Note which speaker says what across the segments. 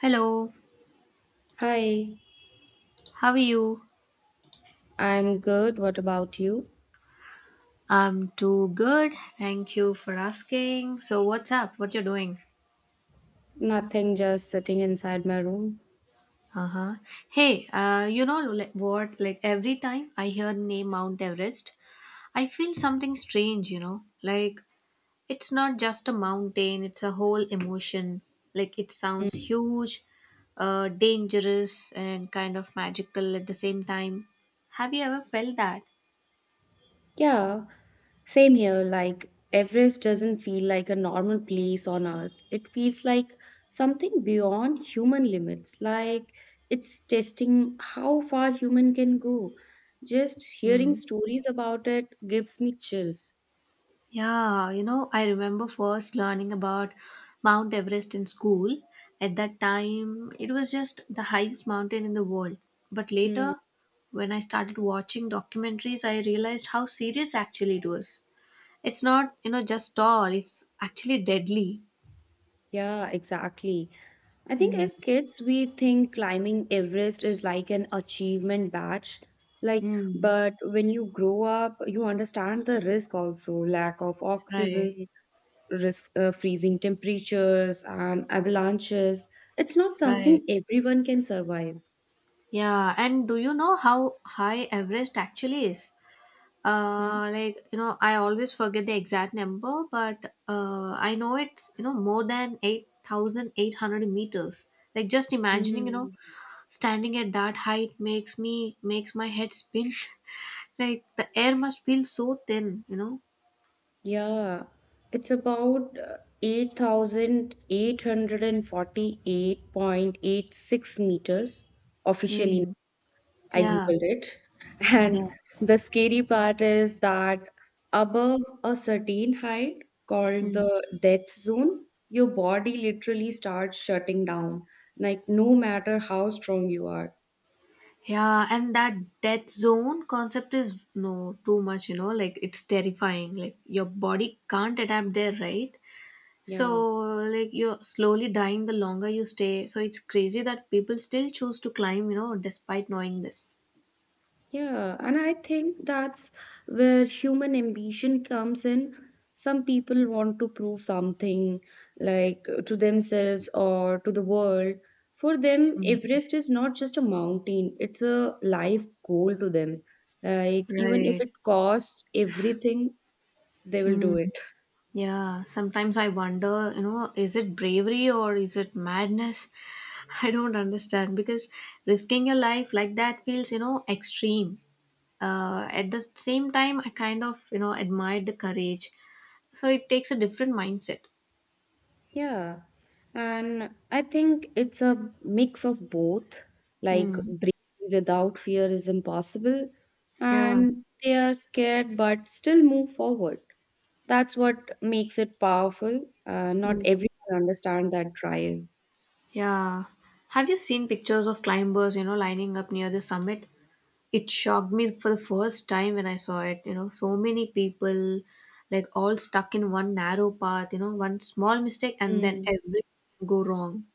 Speaker 1: Hello,
Speaker 2: Hi,
Speaker 1: how are you?
Speaker 2: I'm good. What about you?
Speaker 1: I'm too good. Thank you for asking. So what's up? What you're doing?
Speaker 2: Nothing, just sitting inside my room.
Speaker 1: Uh-huh. Hey, like, what? Like every time I hear the name Mount Everest, I feel something strange, you know? Like it's not just a mountain, it's a whole emotion. Like it
Speaker 2: Mm,
Speaker 1: sounds huge, dangerous and kind of magical at the same time. Have you ever felt that?
Speaker 2: yeah, same here. Like, Everest doesn't feel like a normal place on Earth. It feels like something beyond human limits. Like, it's testing how far human can go. Just hearing
Speaker 1: Hmm.
Speaker 2: stories about it gives me chills.
Speaker 1: Yeah, I remember first learning about Mount Everest in school. At that time, it was just the highest mountain in the world. But
Speaker 2: Hmm.
Speaker 1: later, when I started watching documentaries, I realized how serious actually it was. It's not just tall, it's actually deadly.
Speaker 2: Yeah, exactly. I think
Speaker 1: Hmm.
Speaker 2: as kids, we think climbing Everest is like an achievement badge. Like,
Speaker 1: Hmm.
Speaker 2: but when you grow up, you understand the risk also, lack of
Speaker 1: Right,
Speaker 2: oxygen, risk freezing temperatures and avalanches. It's not
Speaker 1: right.
Speaker 2: something everyone can survive.
Speaker 1: Yeah, and do you know how high Everest actually is? I always forget the exact number, but I know it's more than 8,800 meters. Like just imagining,
Speaker 2: Mhm.
Speaker 1: standing at that height makes my head spin. Like the air must feel so thin.
Speaker 2: Yeah, it's about 8,848.86 meters officially.
Speaker 1: Mm.
Speaker 2: I googled
Speaker 1: Yeah,
Speaker 2: it,
Speaker 1: yeah.
Speaker 2: and the scary part is that above a certain height, called
Speaker 1: Mm.
Speaker 2: the death zone, your body literally starts shutting down, like no matter how strong you are.
Speaker 1: Yeah. And that death zone concept is no too much. Like it's terrifying. Like your body can't adapt there, right? So,
Speaker 2: Yeah.
Speaker 1: like, you're slowly dying the longer you stay. So, it's crazy that people still choose to climb, despite knowing this.
Speaker 2: Yeah, and I think that's where human ambition comes in. Some people want to prove something, like to themselves or to the world. For them,
Speaker 1: Mm.
Speaker 2: Everest is not just a mountain, it's a life goal to them. Like, even if
Speaker 1: Right.
Speaker 2: it costs everything, they will do
Speaker 1: Mm.
Speaker 2: it.
Speaker 1: Yeah. Sometimes I wonder, is it bravery or is it madness? I don't understand because risking your life like that feels extreme. At the same time, I kind of, admired the courage. So, it takes a different mindset.
Speaker 2: Yeah, and I think it's a mix of both. Like,
Speaker 1: Mm.
Speaker 2: breathing without fear is impossible,
Speaker 1: Yeah.
Speaker 2: and they are scared but still move forward. That's what makes it powerful. Not everyone understands that drive.
Speaker 1: Yeah. Have you seen pictures of climbers, lining up near the summit? It shocked me for the first time when I saw it, so many people like all stuck in one narrow path, one small mistake and then everything go wrong.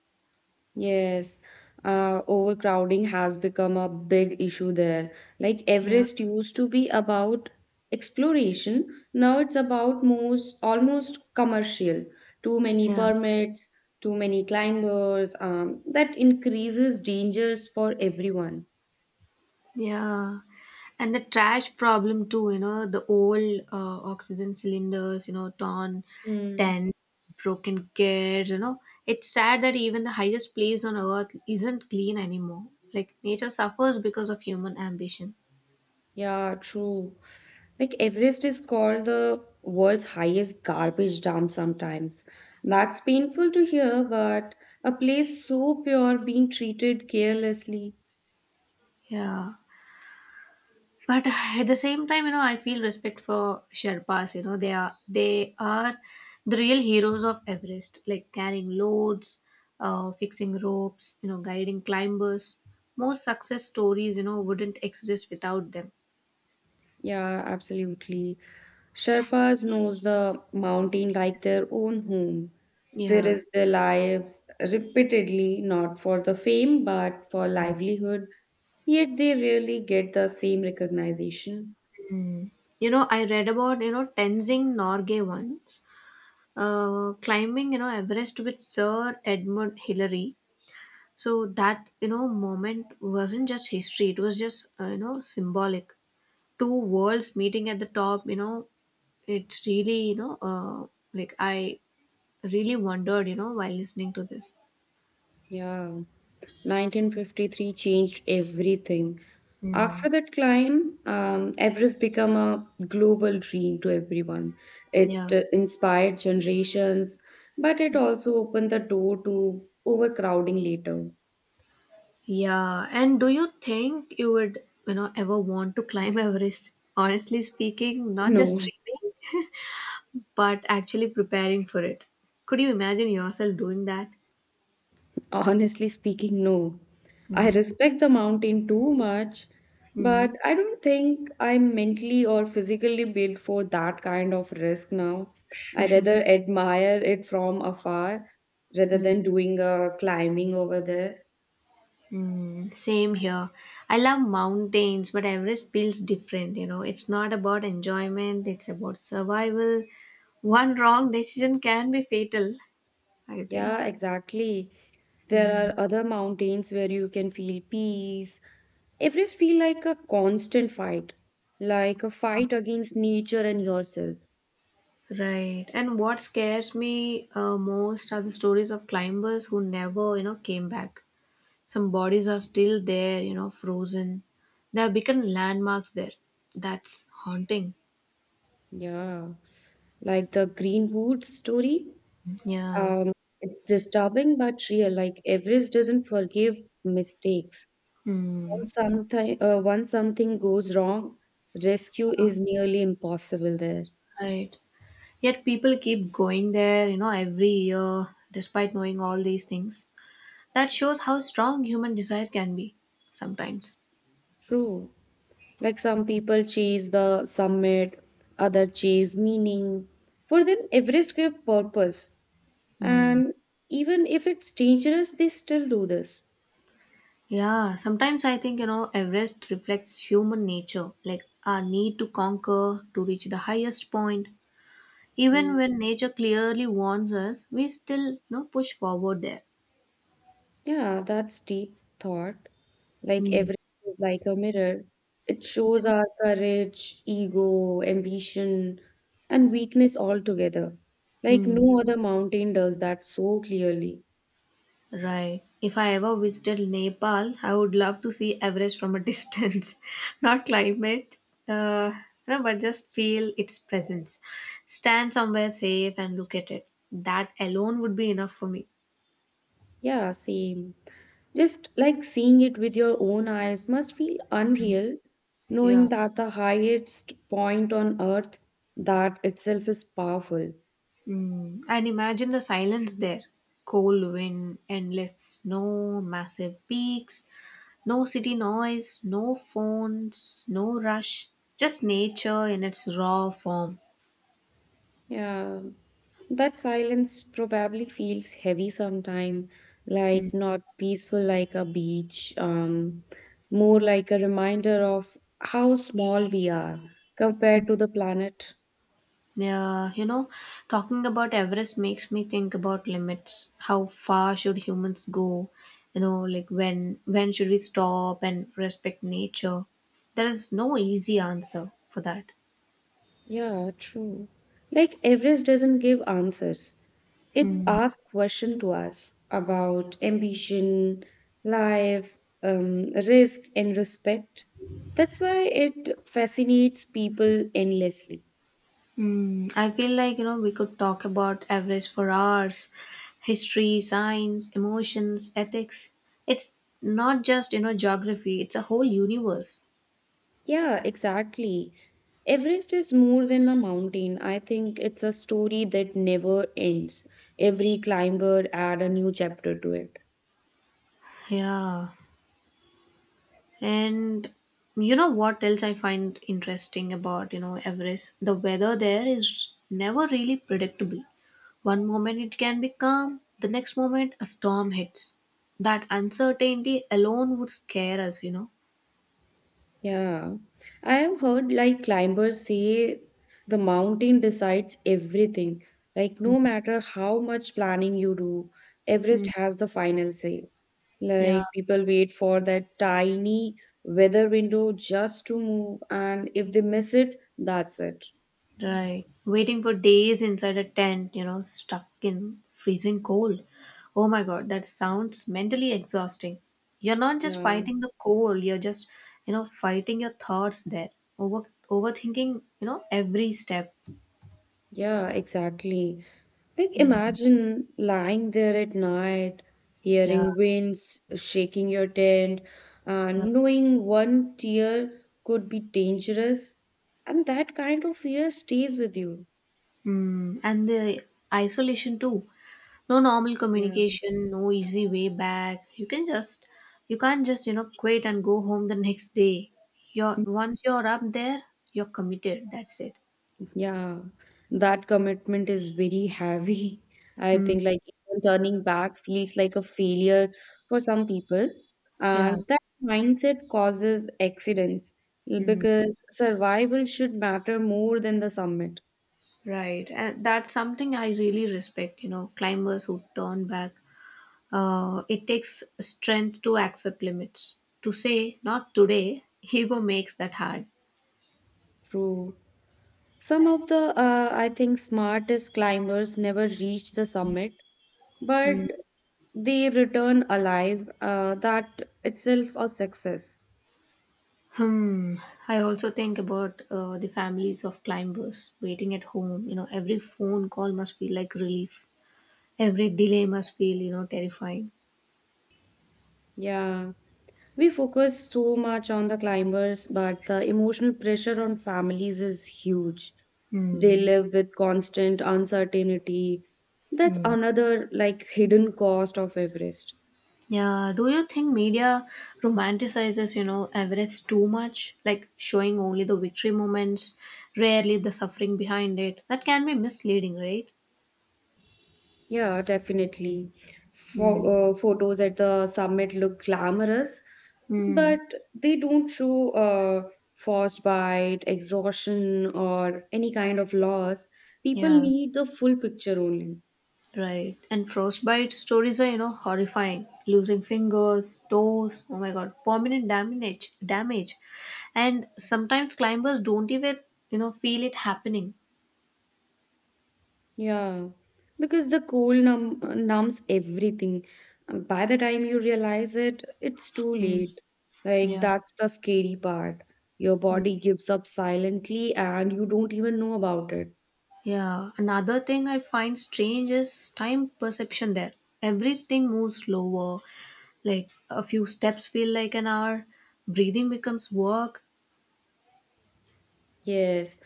Speaker 2: Yes, overcrowding has become a big issue there. Like
Speaker 1: Yeah.
Speaker 2: Everest used to be about exploration, now it's about most almost commercial. Too many
Speaker 1: Yeah.
Speaker 2: permits, too many climbers, that increases dangers for everyone.
Speaker 1: Yeah, and the trash problem too. The old oxygen cylinders. Torn
Speaker 2: Hmm.
Speaker 1: tents, broken gears. It's sad that even the highest place on earth isn't clean anymore. Like nature suffers because of human ambition.
Speaker 2: Yeah, true. Like Everest is called the world's highest garbage dump sometimes. That's painful to hear, but a place so pure being treated carelessly.
Speaker 1: Yeah. But at the same time, I feel respect for Sherpas. They are the real heroes of Everest, like carrying loads, fixing ropes, guiding climbers. Most success stories, wouldn't exist without them.
Speaker 2: Yeah, absolutely. Sherpas knows the mountain like their own home. They
Speaker 1: Yeah.
Speaker 2: risk their lives repeatedly, not for the fame, but for livelihood. Yet they rarely get the same recognition.
Speaker 1: Mm. I read about, Tenzing Norgay once climbing, Everest with Sir Edmund Hillary. So that, moment wasn't just history, it was just symbolic. Two worlds meeting at the top, it's really, like I really wondered, while listening to this.
Speaker 2: Yeah, 1953 changed everything.
Speaker 1: Hmm.
Speaker 2: After that climb, Everest became a global dream to everyone. It
Speaker 1: Yeah,
Speaker 2: inspired generations, but it also opened the door to overcrowding later.
Speaker 1: yeah. And do you think you would, ever want to climb Everest, honestly speaking, not just
Speaker 2: No,
Speaker 1: dreaming, but actually preparing for it? Could you imagine yourself doing that?
Speaker 2: honestly speaking, no. I
Speaker 1: Mhm.
Speaker 2: respect the mountain too much, but
Speaker 1: Mhm.
Speaker 2: I don't think I'm mentally or physically built for that kind of risk now. I rather admire it from afar rather than doing a climbing over there.
Speaker 1: Mm, same here. I love mountains, but Everest feels different. It's not about enjoyment, it's about survival. One wrong decision can be fatal, I
Speaker 2: Yeah,
Speaker 1: think.
Speaker 2: exactly. There
Speaker 1: Mm,
Speaker 2: are other mountains where you can feel peace. Everest feel like a constant fight, like a fight against nature and yourself.
Speaker 1: right. And what scares me most are the stories of climbers who never, came back. Some bodies are still there, frozen. They have become landmarks there. That's haunting.
Speaker 2: Yeah, like the Greenwood story.
Speaker 1: Yeah.
Speaker 2: Um, it's disturbing but real. Like Everest doesn't forgive mistakes.
Speaker 1: Mm,
Speaker 2: Once something goes wrong, rescue is nearly impossible there.
Speaker 1: right. Yet people keep going there, every year despite knowing all these things. That shows how strong human desire can be sometimes.
Speaker 2: True. Like some people chase the summit, other chase meaning. For them, Everest gave purpose. And even if it's dangerous, they still do this.
Speaker 1: Yeah, sometimes I think, Everest reflects human nature, like our need to conquer, to reach the highest point. Even when nature clearly warns us, we still, push forward there.
Speaker 2: Yeah, that's deep thought. Like
Speaker 1: Mm.
Speaker 2: everything is like a mirror. It shows
Speaker 1: Yeah.
Speaker 2: our courage, ego, ambition, and weakness all together. Like
Speaker 1: Mm.
Speaker 2: no other mountain does that so clearly.
Speaker 1: Right. If I ever visited Nepal, I would love to see Everest from a distance. Not climb it, uh, no, but just feel its presence. Stand somewhere safe and look at it. That alone would be enough for me.
Speaker 2: Yeah, same. Just like seeing it with your own eyes must feel unreal,
Speaker 1: Yeah.
Speaker 2: knowing that the highest point on earth, that itself is powerful.
Speaker 1: Mm. And imagine the silence there. Cold wind, endless snow, massive peaks, no city noise, no phones, no rush, just nature in its raw form.
Speaker 2: Yeah, that silence probably feels heavy sometime, like not peaceful like a beach, more like a reminder of how small we are compared to the planet.
Speaker 1: Yeah, talking about Everest makes me think about limits. How far should humans go? Like when should we stop and respect nature? There is no easy answer for that.
Speaker 2: Yeah, true. Like Everest doesn't give answers. It asks questions to us about ambition, life, risk, and respect. That's why it fascinates people endlessly.
Speaker 1: Hmm. I feel like, we could talk about Everest for hours. History, science, emotions, ethics. It's not just, geography, it's a whole universe.
Speaker 2: Yeah, exactly. Everest is more than a mountain. I think it's a story that never ends. Every climber add a new chapter to it.
Speaker 1: Yeah. And what else I find interesting about, Everest? The weather there is never really predictable. One moment it can be calm, the next moment a storm hits. That uncertainty alone would scare us.
Speaker 2: Yeah. I have heard like climbers say the mountain decides everything. Like no matter how much planning you do, Everest
Speaker 1: Mm.
Speaker 2: has the final say.
Speaker 1: Yeah.
Speaker 2: Like people wait for that tiny weather window just to move and if they miss it, that's it.
Speaker 1: Right. Waiting for days inside a tent, stuck in freezing cold. Oh my God, that sounds mentally exhausting. You're not just
Speaker 2: Yeah.
Speaker 1: fighting the cold, you're just, fighting your thoughts there. Over overthinking, every step.
Speaker 2: Yeah, exactly. Like, imagine lying there at night,
Speaker 1: Yeah.
Speaker 2: hearing winds shaking your tent,
Speaker 1: Yeah.
Speaker 2: and knowing one tear could be dangerous, and that kind of fear stays with you.
Speaker 1: Mm, and the isolation too. No normal
Speaker 2: Yeah.
Speaker 1: communication, no easy way back. You can't just, quit and go home the next day. You're once you're up there, you're committed. That's it.
Speaker 2: Yeah, that commitment is very heavy. I
Speaker 1: Mm,
Speaker 2: think like even turning back feels like a failure for some people,
Speaker 1: yeah,
Speaker 2: and that mindset causes accidents
Speaker 1: mm,
Speaker 2: because survival should matter more than the summit.
Speaker 1: right. And that's something I really respect, climbers who turn back. It takes strength to accept limits. To say, not today, ego makes that hard.
Speaker 2: True. Some of the I think smartest climbers never reach the summit, but
Speaker 1: Mm.
Speaker 2: they return alive. That itself a success.
Speaker 1: Hmm. I also think about the families of climbers waiting at home. Every phone call must feel like relief. Every delay must feel, terrifying.
Speaker 2: Yeah, we focus so much on the climbers, but the emotional pressure on families is huge. They
Speaker 1: Hmm.
Speaker 2: live with constant uncertainty. That's
Speaker 1: Hmm.
Speaker 2: another like hidden cost of Everest.
Speaker 1: Yeah, do you think media romanticizes, Everest too much? Like showing only the victory moments, rarely the suffering behind it. That can be misleading, right?
Speaker 2: Yeah, definitely.
Speaker 1: Mm.
Speaker 2: Photos at the summit look glamorous,
Speaker 1: Mm.
Speaker 2: but they don't show frostbite, exhaustion, or any kind of loss. People
Speaker 1: Yeah,
Speaker 2: need the full picture only.
Speaker 1: right. And frostbite stories are, horrifying. Losing fingers, toes, oh my God, permanent damage. And sometimes climbers don't even, feel it happening.
Speaker 2: Yeah, because the cold numbs everything. By the time you realize it, it's too
Speaker 1: Mm.
Speaker 2: late. Like,
Speaker 1: Yeah.
Speaker 2: that's the scary part. Your body gives up silently and you don't even know about it.
Speaker 1: Yeah, another thing I find strange is time perception there. Everything moves slower, like a few steps feel like an hour, breathing becomes work.
Speaker 2: Yes,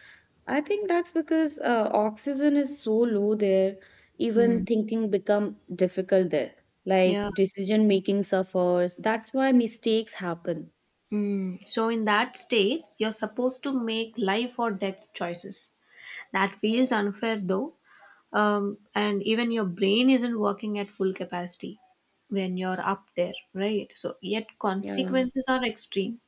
Speaker 2: I think that's because oxygen is so low there,
Speaker 1: Mm.
Speaker 2: even thinking become difficult there. Like,
Speaker 1: Yeah.
Speaker 2: decision making suffers. That's why mistakes happen.
Speaker 1: Mm. So, in that state, you're supposed to make life or death choices. That feels unfair though, and even your brain isn't working at full capacity when you're up there, right? So, yet
Speaker 2: Yeah.
Speaker 1: consequences are extreme.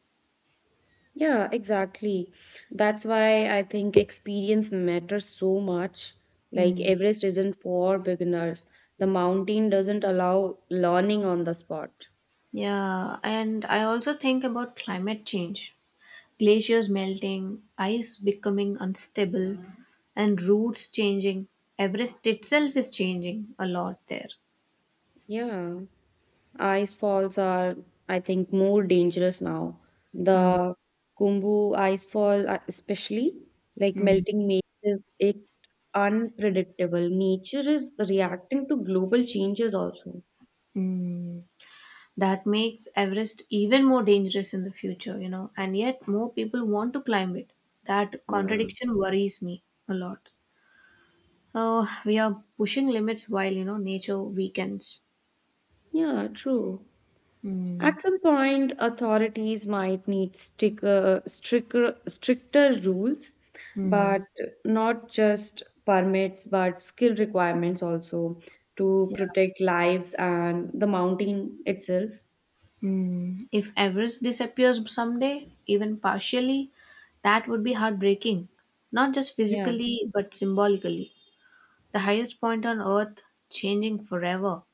Speaker 2: Yeah, exactly. That's why I think experience matters so much. Like
Speaker 1: Mm.
Speaker 2: Everest isn't for beginners. The mountain doesn't allow learning on the spot.
Speaker 1: Yeah, and I also think about climate change. Glaciers melting, ice becoming unstable, and routes changing. Everest itself is changing a lot there.
Speaker 2: Yeah. Ice falls are, I think, more dangerous now.
Speaker 1: Mm,
Speaker 2: The Kumbu ice fall, especially, like
Speaker 1: mm,
Speaker 2: melting makes it unpredictable. Nature is reacting to global changes also.
Speaker 1: mm. That makes Everest even more dangerous in the future, and yet more people want to climb it. That
Speaker 2: Yeah.
Speaker 1: contradiction worries me a lot. Oh, we are pushing limits while, nature weakens.
Speaker 2: Yeah, true.
Speaker 1: Mm,
Speaker 2: At some point, authorities might need stricter rules, but
Speaker 1: mm.
Speaker 2: not just permits, but skill requirements also to protect lives and the mountain itself.
Speaker 1: Hmm. If Everest disappears someday, even partially, that would be heartbreaking, not just
Speaker 2: Yeah,
Speaker 1: physically but symbolically. The highest point on earth changing forever.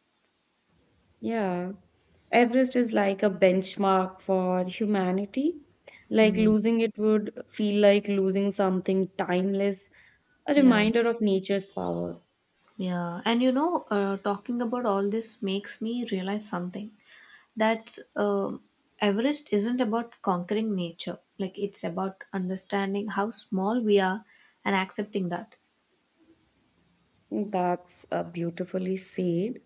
Speaker 2: yeah. Everest is like a benchmark for humanity. Like
Speaker 1: Mm,
Speaker 2: losing it would feel like losing something timeless, a
Speaker 1: yeah,
Speaker 2: reminder of nature's power.
Speaker 1: yeah. And talking about all this makes me realize something that Everest isn't about conquering nature, like, it's about understanding how small we are and accepting that.
Speaker 2: That's beautifully said.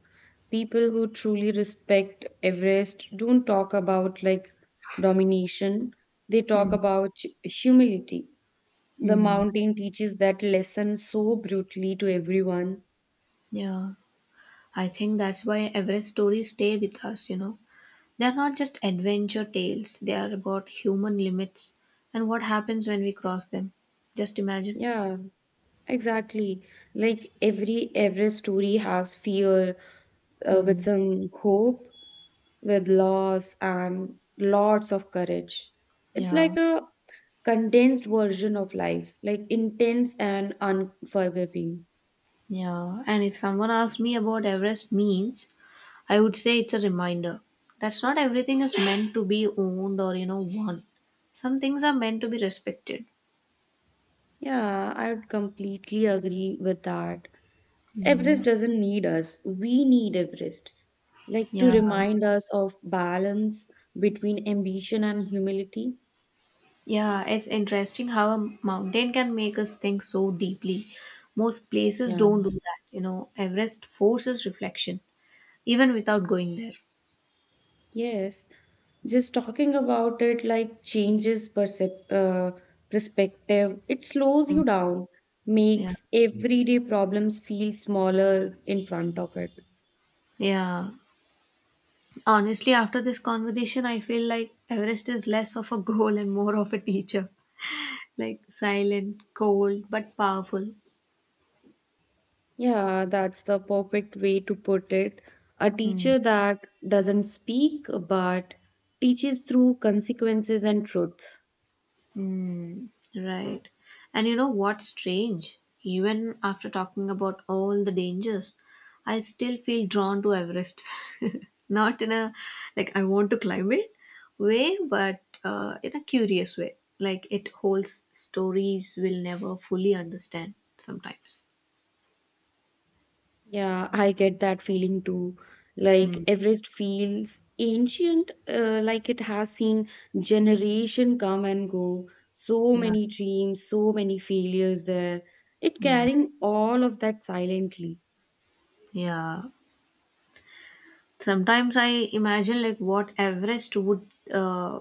Speaker 2: People who truly respect Everest don't talk about like domination, they talk
Speaker 1: Mm,
Speaker 2: about humility. The
Speaker 1: mm,
Speaker 2: mountain teaches that lesson so brutally to everyone.
Speaker 1: yeah. I think that's why Everest stories stay with us. They're not just adventure tales, they are about human limits and what happens when we cross them. Just imagine.
Speaker 2: Yeah, exactly. Like every Everest story has fear with
Speaker 1: Hmm.
Speaker 2: some hope, with loss and lots of courage. It's
Speaker 1: Yeah,
Speaker 2: like a condensed version of life, like intense and unforgiving.
Speaker 1: yeah. And if someone asked me about Everest means, I would say it's a reminder. That's not everything is meant to be owned or, won. Some things are meant to be respected.
Speaker 2: Yeah, I would completely agree with that. Everest doesn't need us, we need Everest. Like to
Speaker 1: Yeah.
Speaker 2: remind us of balance between ambition and humility.
Speaker 1: Yeah, it's interesting how a mountain can make us think so deeply. Most places
Speaker 2: Yeah.
Speaker 1: don't do that. Everest forces reflection, even without going there.
Speaker 2: Yes, just talking about it like changes perspective. It slows
Speaker 1: Mm.
Speaker 2: you down,
Speaker 1: Yeah.
Speaker 2: makes everyday problems feel smaller in front of it.
Speaker 1: Yeah. Honestly, after this conversation, I feel like Everest is less of a goal and more of a teacher. Like silent, cold, but powerful.
Speaker 2: Yeah, that's the perfect way to put it. A
Speaker 1: Mm.
Speaker 2: teacher that doesn't speak but teaches through consequences and truth.
Speaker 1: Hmm. Right. And what's strange? Even after talking about all the dangers, I still feel drawn to Everest. Not in a like I want to climb it way, but in a curious way. Like it holds stories we'll never fully understand sometimes.
Speaker 2: Yeah, I get that feeling too. Like
Speaker 1: Mm,
Speaker 2: Everest feels ancient, like it has seen generation come and go. So
Speaker 1: yeah.
Speaker 2: many dreams, so many failures there. It
Speaker 1: Mm,
Speaker 2: carrying all of that silently.
Speaker 1: yeah. Sometimes I imagine like what Everest would uh,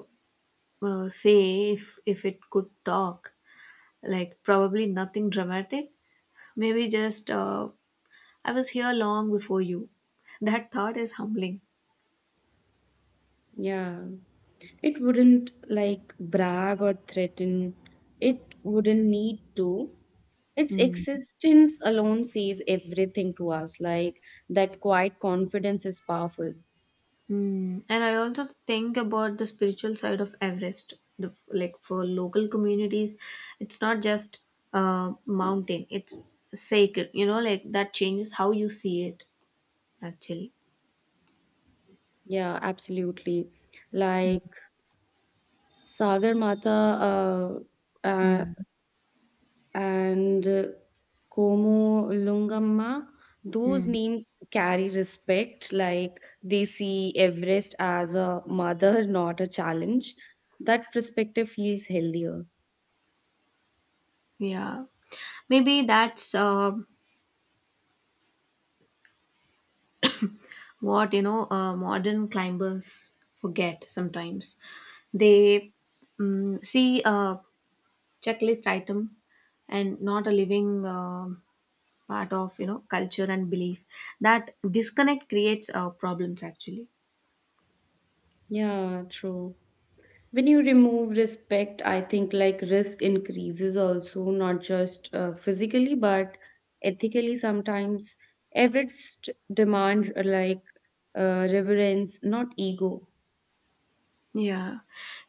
Speaker 1: say if it could talk. Like, probably nothing dramatic. Maybe just, I was here long before you. That thought is humbling.
Speaker 2: Yeah. It wouldn't like brag or threaten. It wouldn't need to. Its
Speaker 1: Hmm.
Speaker 2: existence alone says everything to us. Like that quiet confidence is powerful.
Speaker 1: Hmm. And I also think about the spiritual side of Everest. The, like for local communities, it's not just a mountain, it's sacred, like that changes how you see it actually.
Speaker 2: Yeah, absolutely. Like Sagar Mata uh,
Speaker 1: Hmm.
Speaker 2: and Komo Lungamma, those
Speaker 1: Hmm.
Speaker 2: names carry respect. Like they see Everest as a mother, not a challenge. That perspective feels healthier.
Speaker 1: Yeah. Maybe that's what modern climbers forget sometimes. They see a checklist item and not a living part of culture and belief. That disconnect creates problems, actually.
Speaker 2: Yeah, true. When you remove respect, I think like risk increases also, not just physically but ethically sometimes. Everest demand like reverence, not ego.
Speaker 1: Yeah.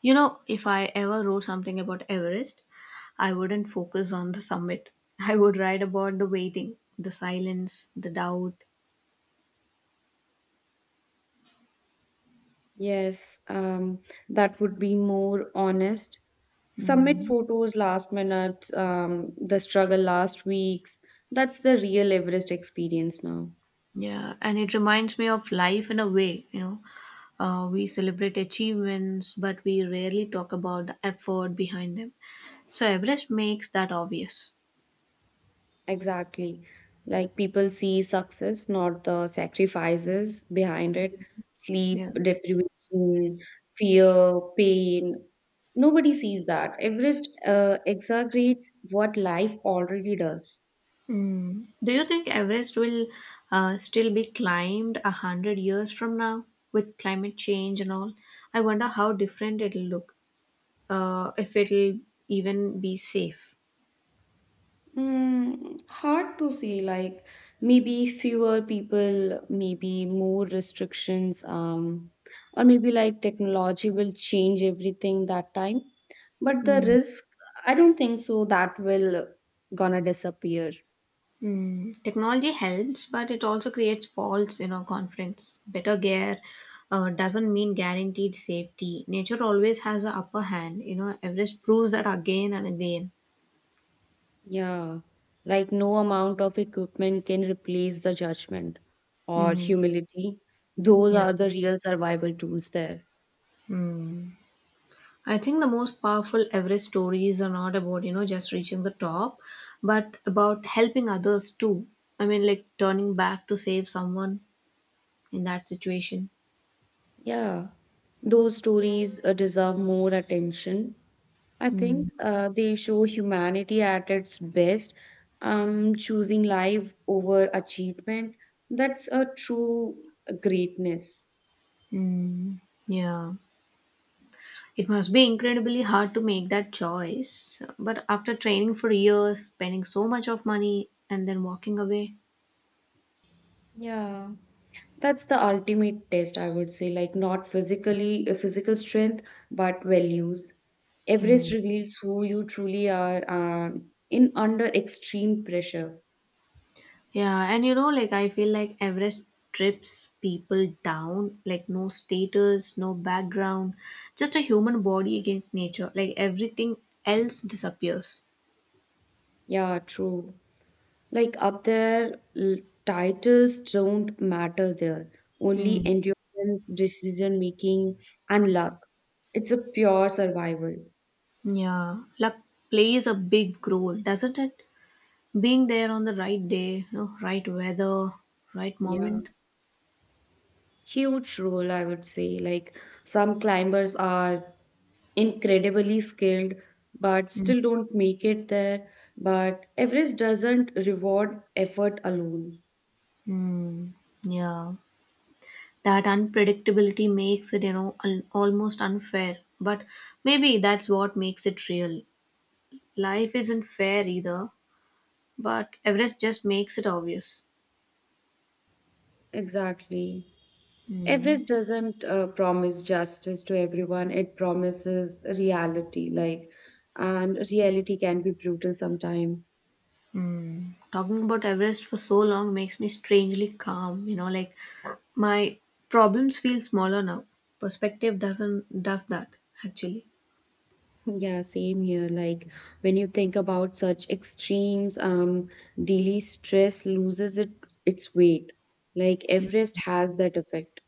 Speaker 1: If I ever wrote something about Everest, I wouldn't focus on the summit. I would write about the waiting, the silence, the doubt.
Speaker 2: Yes, um, that would be more honest. Submit photos last minute, the struggle last weeks, that's the real Everest experience now.
Speaker 1: Yeah, and it reminds me of life in a way. We celebrate achievements, but we rarely talk about the effort behind them. So Everest makes that obvious.
Speaker 2: Exactly. Like people see success, not the sacrifices behind it, sleep,
Speaker 1: Yeah.
Speaker 2: deprivation, fear, pain. Nobody sees that. Everest exaggerates what life already does.
Speaker 1: Mm. Do you think Everest will still be climbed 100 years from now with climate change and all? I wonder how different it'll look. If it'll even be safe.
Speaker 2: Mm, hard to say, like maybe fewer people, maybe more restrictions, or maybe like technology will change everything that time. But the
Speaker 1: Mm.
Speaker 2: risk, I don't think so that will gonna disappear.
Speaker 1: Hmm. Technology helps, but it also creates false confidence. Better gear doesn't mean guaranteed safety. Nature always has an upper hand. Everest proves that again and again.
Speaker 2: Yeah. Like no amount of equipment can replace the judgment or
Speaker 1: Hmm.
Speaker 2: humility. Those
Speaker 1: Yeah,
Speaker 2: are the real survival tools there.
Speaker 1: I think the most powerful Everest stories are not about just reaching the top, but about helping others too. I mean, like turning back to save someone in that situation.
Speaker 2: Yeah. Those stories deserve more attention I think,
Speaker 1: Mm,
Speaker 2: they show humanity at its best, choosing life over achievement. That's a true greatness.
Speaker 1: mm, yeah. It must be incredibly hard to make that choice, but after training for years, spending so much of money, and then walking away.
Speaker 2: Yeah. That's the ultimate test, I would say, like not physical strength, but values. Everest
Speaker 1: Hmm.
Speaker 2: reveals who you truly are in under extreme pressure.
Speaker 1: Yeah, and like I feel like Everest trips people down, like no status, no background, just a human body against nature. Like everything else disappears.
Speaker 2: Yeah, true. Like up there, titles don't matter there. Only
Speaker 1: Mm.
Speaker 2: endurance, decision making, and luck. It's a pure survival.
Speaker 1: Yeah, luck plays a big role, doesn't it? Being there on the right day, right weather, right
Speaker 2: Yeah.
Speaker 1: moment.
Speaker 2: Huge role, I would say. Like some climbers are incredibly skilled, but still don't make it there. But Everest doesn't reward effort alone.
Speaker 1: Mm. Yeah. That unpredictability makes it almost unfair, but maybe that's what makes it real. Life isn't fair either, but Everest just makes it obvious.
Speaker 2: Exactly. Everett doesn't promise justice to everyone. It promises reality, like, and reality can be brutal sometimes.
Speaker 1: Hmm. Talking about Everest for so long makes me strangely calm, like my problems feel smaller now. Perspective doesn't does that, actually.
Speaker 2: Yeah, same here. Like, when you think about such extremes, daily stress loses it its weight. Like, Everest has that effect.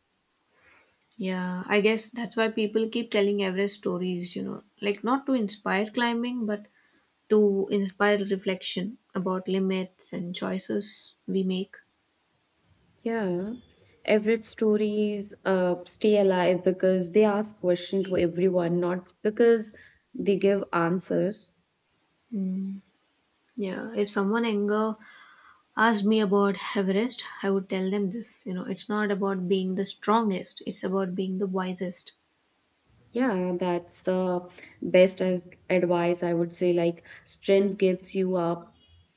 Speaker 1: Yeah, I guess that's why people keep telling Everest stories, like not to inspire climbing but to inspire reflection about limits and choices we make.
Speaker 2: Yeah. Everett's stories stay alive because they ask questions to everyone, not because they give answers.
Speaker 1: Yeah, if someone anger asked me about Everest, I would tell them this. It's not about being the strongest; it's about being the wisest.
Speaker 2: Yeah, that's the best as advice I would say, like strength gives you up,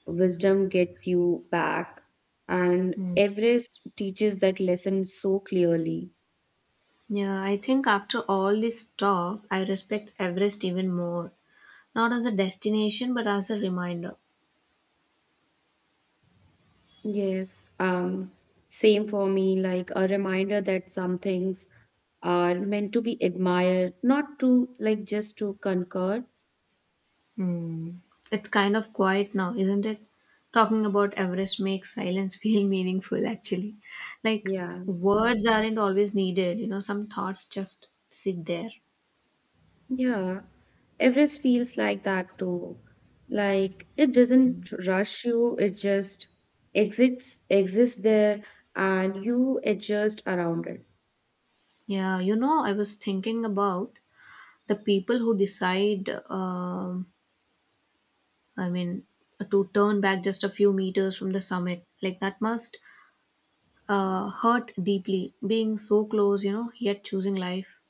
Speaker 2: wisdom gets you back, and Everest teaches that lesson so clearly.
Speaker 1: Yeah, I think after all this talk, I respect Everest even more, not as a destination but as a reminder.
Speaker 2: Yes, same for me, like a reminder that some things are meant to be admired, not to like just to conquer.
Speaker 1: It's kind of quiet now, isn't it? Talking about Everest makes silence feel meaningful, actually. Like,
Speaker 2: Yeah.
Speaker 1: words aren't always needed, some thoughts just sit there.
Speaker 2: Yeah, Everest feels like that too. Like it doesn't rush you, it just exists there and you adjust around it.
Speaker 1: Yeah, I was thinking about the people who decide, I mean, to turn back just a few meters from the summit. Like, that must hurt deeply, being so close, yet choosing life.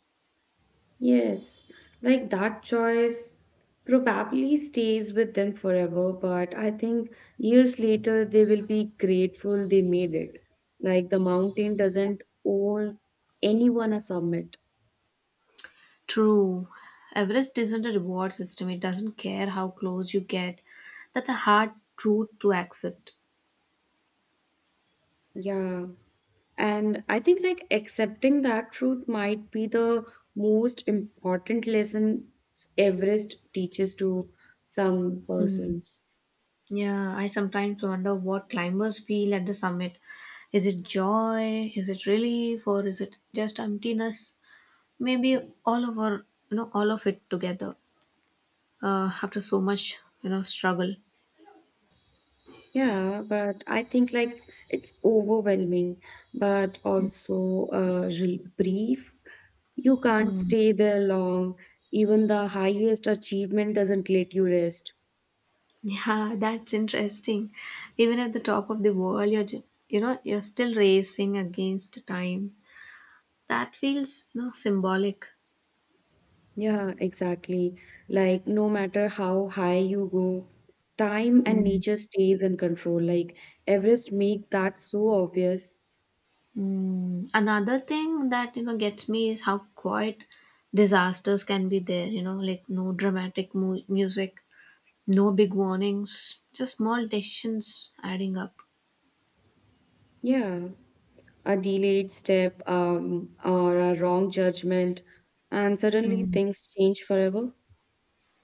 Speaker 2: Yes, like that choice probably stays with them forever, but I think years later they will be grateful they made it. Like the mountain doesn't owe anyone a summit.
Speaker 1: True. Everest isn't a reward system. It doesn't care how close you get. That's a hard truth to accept.
Speaker 2: Yeah. And I think like accepting that truth might be the most important lesson Everest teaches to some
Speaker 1: Mm.
Speaker 2: persons.
Speaker 1: Yeah, I sometimes wonder what climbers feel at the summit. Is it joy? Is it relief? Or is it just emptiness? Maybe all of our, you know, all of it together, after so much, struggle.
Speaker 2: Yeah, but I think like it's overwhelming, but also re- brief. You can't
Speaker 1: Mm.
Speaker 2: stay there long. Even the highest achievement doesn't let you rest.
Speaker 1: Yeah, that's interesting. Even at the top of the world, you're just, you're still racing against time. That feels symbolic.
Speaker 2: Yeah, exactly. Like, no matter how high you go, time and
Speaker 1: Mm.
Speaker 2: nature stays in control. Like, Everest make that so obvious.
Speaker 1: Mm, another thing that gets me is how quiet disasters can be there. Like no dramatic music, no big warnings, just small decisions adding up.
Speaker 2: Yeah, a delayed step, or a wrong judgment, and suddenly
Speaker 1: Mm.
Speaker 2: things change forever.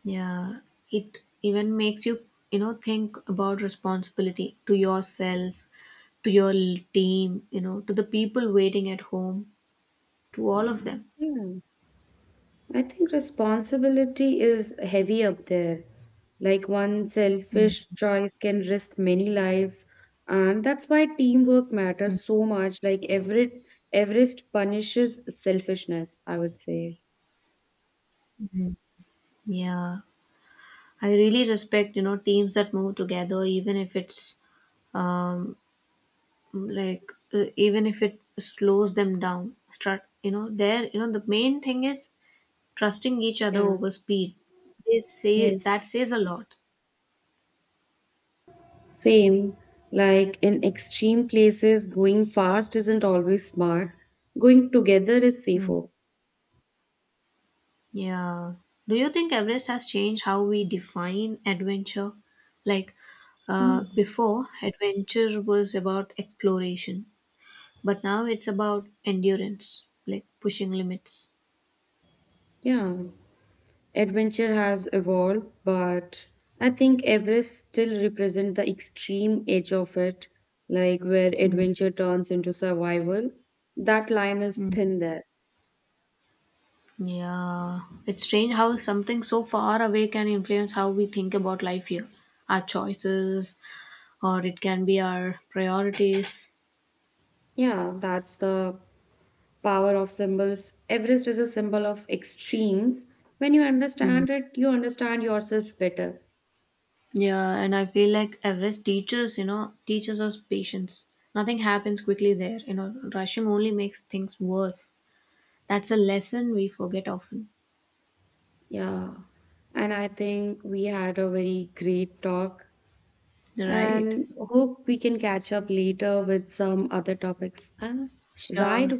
Speaker 1: Yeah, it even makes you you know think about responsibility to yourself, to your team, to the people waiting at home, to all of them.
Speaker 2: Yeah. I think responsibility is heavy up there. Like one selfish choice can risk many lives, and that's why teamwork matters so much. Like Everest punishes selfishness, I would say.
Speaker 1: Yeah. I really respect teams that move together, even if it's um, like even if it slows them down. Start, there, the main thing is trusting each other
Speaker 2: Yeah.
Speaker 1: over speed. They say that
Speaker 2: Yes.
Speaker 1: says a lot.
Speaker 2: Same. Like in extreme places, going fast isn't always smart. Going together is
Speaker 1: Hmm.
Speaker 2: safer.
Speaker 1: Yeah. Do you think Everest has changed how we define adventure? Like
Speaker 2: Mm.
Speaker 1: before, adventure was about exploration, but now it's about endurance, like pushing limits.
Speaker 2: Yeah. Adventure has evolved, but I think Everest still represents the extreme edge of it, like where
Speaker 1: Hmm.
Speaker 2: adventure turns into survival. That line is thin there.
Speaker 1: Yeah, it's strange how something so far away can influence how we think about life here, our choices, or it can be our priorities.
Speaker 2: Yeah, that's the power of symbols. Everest is a symbol of extremes. When you
Speaker 1: Hmm.
Speaker 2: understand it, you understand yourself better.
Speaker 1: Yeah, and I feel like Everest teaches us patience. Nothing happens quickly there. Rushing only makes things worse. That's a lesson we forget often.
Speaker 2: Yeah. And I think we had a very great talk
Speaker 1: Right.
Speaker 2: and hope we can catch up later with some other topics. Ah, ride.
Speaker 1: Sure.